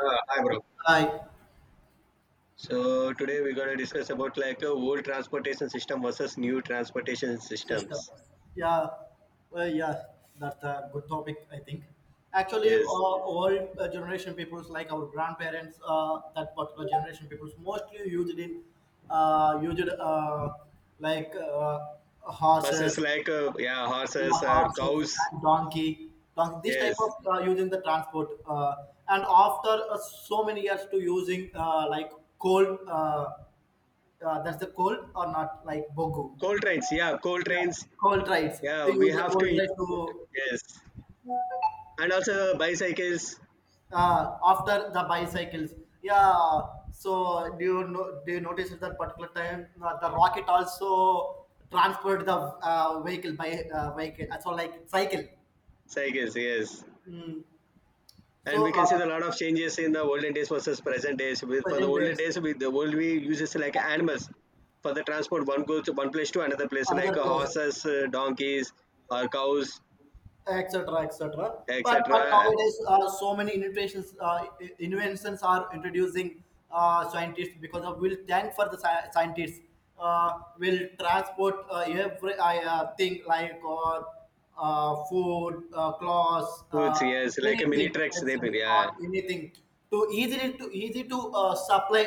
Hi, bro. Hi, So today we're gonna discuss about old transportation system versus new transportation sister. systems. Yeah, well, yeah, that's a good topic, I think. Actually, Yes, all generation peoples, like our grandparents, that particular generation peoples, mostly used like buses horses, like, yeah, horses or horses cows. and donkey. This type Yes, of using the transport, and after so many years to using like coal, that's the coal or not like bogu. coal trains. Yeah, coal Yeah, trains. cold rides Yeah, to we use the have to. cold ride to Yes, and also bicycles, after the bicycles. Yeah. So do you know? Do you notice at that particular time the rocket also transport the vehicle by vehicle? So like cycle. cycles. Yes, Mm. and So we can see a lot of changes in the olden days versus present days. With for the present olden days days, with the world we uses like animals for the transport one goes to one place to another place like another place, horses, donkeys or cows, etc., etc. But etc. nowadays so many innovations inventions are introducing scientists because of will thank for the scientists will transport every I, yeah, thing like or food clothes Foods, yes, like a mini anything trucks. They medicines bring. or Yeah, anything to easily to easy to supply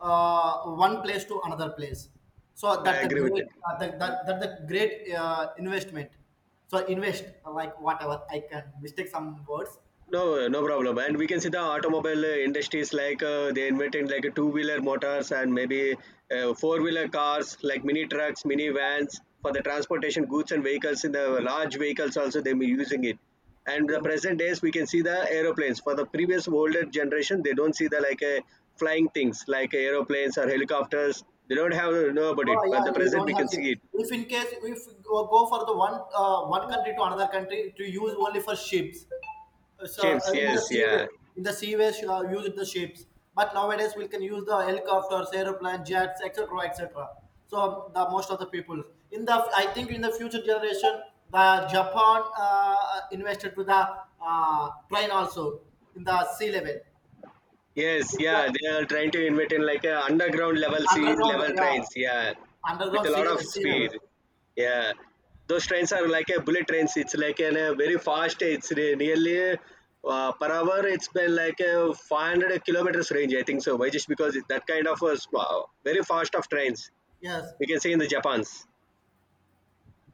one place to another place, so I that's a agree with great it. Investment, so I invest like whatever I can mistake some words. No, no problem. And we can see the automobile industries they invented like a two-wheeler motors and maybe four-wheeler cars, like mini trucks, mini vans for the transportation goods and vehicles. In the large vehicles, also they be using it. And the Yeah. present days, we can see the aeroplanes. For the previous older generation, they don't see the like a flying things like aeroplanes or helicopters. They don't have to know about it. Oh But the yeah, you present, don't we have can to. see it. If in case if go for the one one country to another country, to use only for ships, so Ships, in the yes, seaway, yeah. in the seaways use the ships. But nowadays we can use the helicopters, aeroplane, jets, etc., etc. So the most of the people, in the I think in the future generation, the Japan invested to the train also in the sea level. Yes, It's yeah. a- They are trying to invent in like a underground level sea underground, level trains, yeah. yeah, With underground a lot sea of sea level, speed. Yeah. Those trains are like a bullet trains. It's like an, a very fast. Nearly per hour, it's been like a 500 kilometers range, I think so. Why? Just because that kind of a very fast of trains yes. we can see in the Japan's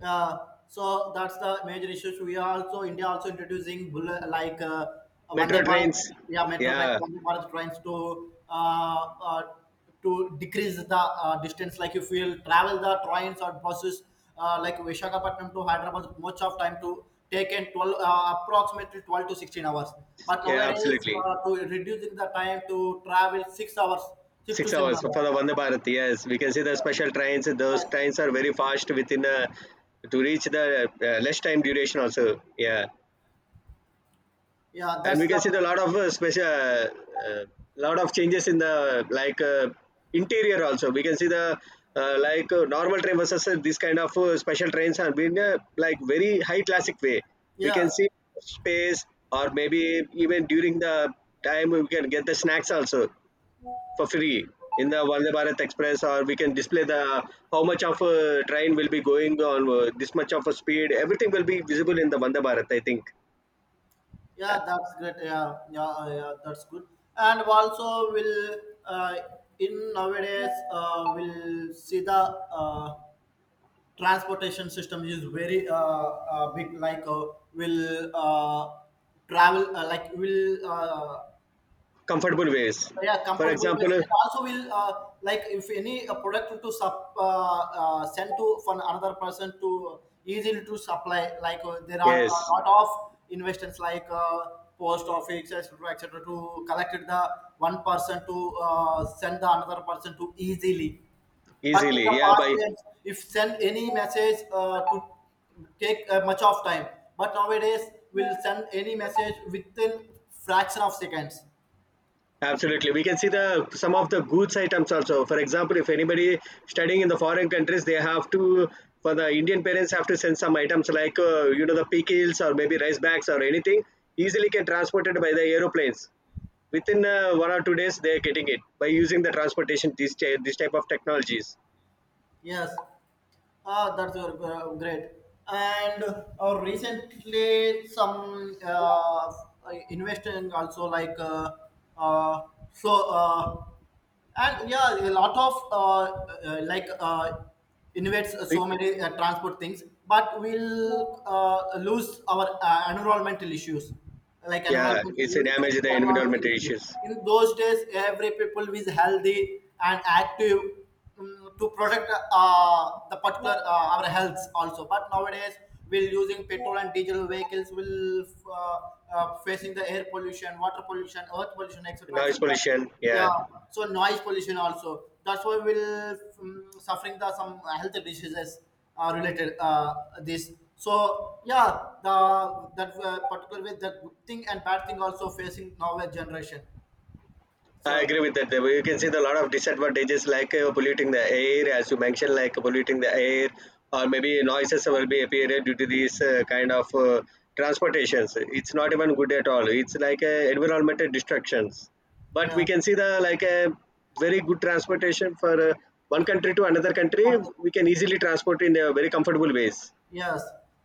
uh, so that's the major issues. We are also, India also introducing like Vande metro trains. Bharat, yeah, metro trains, Yeah, Vande Bharat trains, uh, uh, to decrease the distance. Like if we'll travel the trains or buses, like Visakhapatnam to Hyderabad, much of time, to take in 12 approximately 12 to 16 hours, but yeah, nowadays absolutely. To reducing the time to travel 6 hours, 6 to Six 7 hours for hours. the Vande Bharat. Yes, we can see the special trains. Those Yes. trains are very fast within to reach the less time duration also. Yeah, Yeah, and that's we can the see the lot of special uh, lot of changes in the interior also. We can see the normal train versus this kind of special trains have been like very high classic way. We can yes. see space or maybe even during the time we can get the snacks also for free in the Vande Bharat Express, or we can display the how much of a train will be going on this much of a speed. Everything will be visible in the Vande Bharat, I think. Uh, Yeah, that's great. Yeah, yeah, yeah, that's good. And also, will uh, in nowadays we'll see the uh, transportation system is very big. Like will travel like will Comfortable ways. yeah, For comfortable with, example, and also will like if any product to send to for another person, to easily to supply. Like there are a yes, lot of investments, like post office, etc., etc. to collect the one person, to send the another person to easily. But in easily. the Yeah, past by times, if send any message, to take much of time, but nowadays we'll send any message within fraction of seconds. absolutely, we can see the some of the goods items also. For example, if anybody studying in the foreign countries, they have to for the Indian parents have to send some items like uh, the pickles or maybe rice bags or anything easily can transported by the aeroplanes within 1 or 2 days they're getting it by using the transportation this type of technologies. Yes. Ah, that's your great. And recently, some investing also, like uh, so uh, and yeah, a lot of like invest It- so many transport things, but we'll lose our environmental issues. Like yeah, environmental, it's a you will get damage the the environmental environmental issues. issues. In those days, every people is healthy and active, to protect uh, the particular our health also, but nowadays we're using petrol and diesel vehicles, will uh, facing the air pollution, water pollution, earth pollution, etc Noise etc pollution, yeah. yeah, so noise pollution also. That's why we'll suffering the some health diseases related this, so, yeah, the that particular way, the good thing and bad thing also facing nowadays generation, I agree so, with that. You can see the lot of disadvantages like polluting the air, as you mentioned, like polluting the air, or maybe noises will be appeared due to these transportations. It's not even good at all. It's environmental destructions. But we yeah. can see the like a very good transportation for one country to another country. We can easily transport in a very comfortable ways. Yes,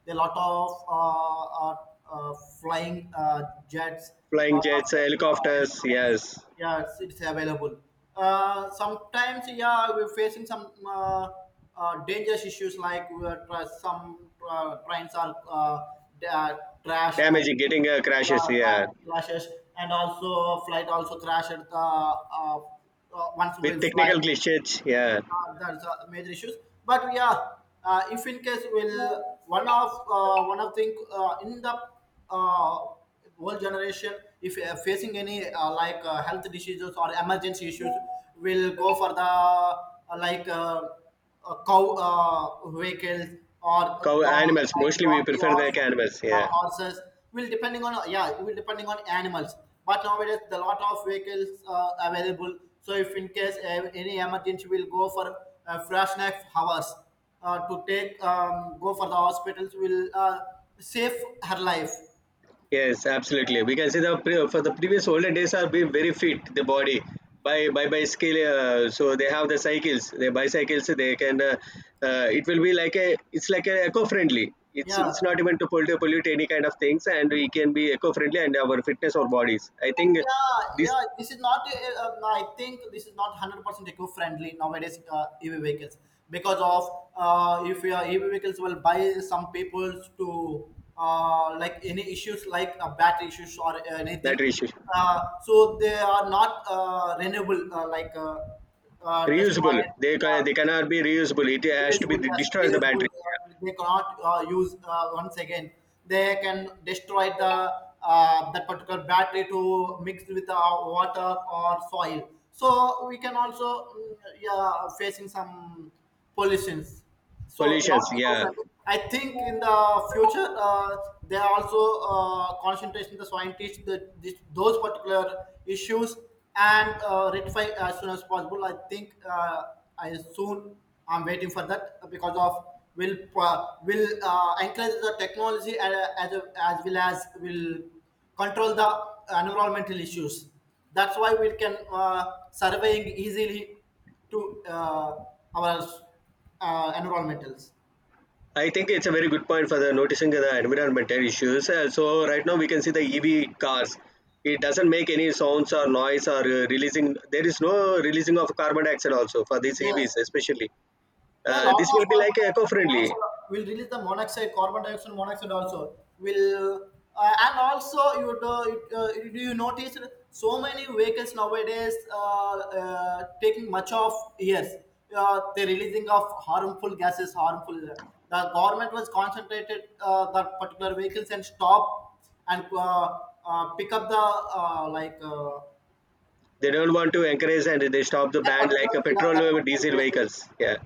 a lot of uh, flying jets, Flying lot jets, of helicopters, airplanes. yes. Yes, it's available. Sometimes, yeah, we're facing some dangerous issues, like we are, some trains are, they are trash, uh, Damaging, getting crashes, yeah, yeah. Crashes, and also flight also crashed. Once With we fly, technical glitches, yeah. That's major issues. But yeah, if in case will one of thing in the whole generation, if facing any like health diseases or emergency issues, will go for the like cow vehicles or Cow dog, animals, like mostly we donkey prefer or, the animals, yeah, yeah. horses, will depending on, yeah, it will depending on animals. But nowadays the lot of vehicles are available, so if in case, any emergency, will go for fresh next hours, to take, go for the hospitals, will save her life, Yes, absolutely, we can see the for the previous older days are being very fit the body by bicycle, so they have the cycles, the bicycles, they can it will be like a, it's like a eco-friendly, yeah, it's not even to pollute any kind of things, and we can be eco-friendly and our fitness or bodies, I think yeah. this Yeah, this is not I think this is not 100% eco friendly, nowadays EV vehicles, because of if your EV vehicles will buy, some people to like any issues, like battery issues or anything, battery issue, uh, so they are not renewable, like reusable, destroyed, they uh, they cannot be reusable, it has to be reusable, yes, destroyed, the reusable. battery They cannot use once again. They can destroy the, that particular battery to mix with water or soil. So we can also, yeah, facing some pollutions. So not pollutions, yeah. eco-friendly. I think in the future, they are also concentration the scientists, the, this, those particular issues, and rectify as soon as possible. I think, I soon, I'm waiting for that, because of will will encourage the technology, and as well as will control the environmental issues. That's why we can surveying easily to our environmentals. I think it's a very good point for the noticing the environmental issues. So right now we can see the EV cars. It doesn't make any sounds or noise or releasing. There is no releasing of carbon dioxide also for these Yes, EVs, especially. there are a lot This will be of like carbon dioxide eco-friendly. and monoxide, will release the monoxide, carbon dioxide, and monoxide also will, and also you do, do you notice so many vehicles nowadays, taking much of, yes, the releasing of harmful gases, harmful. The government was concentrated the particular vehicles and stop, and pick up the like They don't want to encourage and they stop the that ban like particular, a yeah, petrol that or particular diesel vehicle. vehicles. Yeah.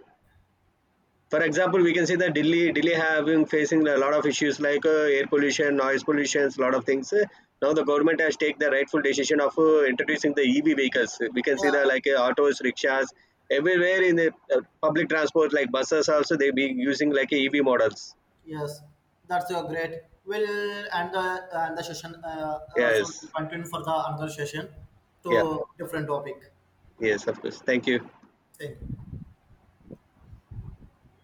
For example, we can see that Delhi, Delhi having facing a lot of issues like air pollution, noise pollution, a lot of things. Now the government has taken the rightful decision of introducing the EV vehicles. We can see the Yeah. like autos, rickshaws everywhere in the uh, public transport like buses also they be using like EV models. Yes, that's great. We'll end the session. So, we'll Yes. continue for the another session Yeah. to different topic. Yes, of course, thank you. Thank you.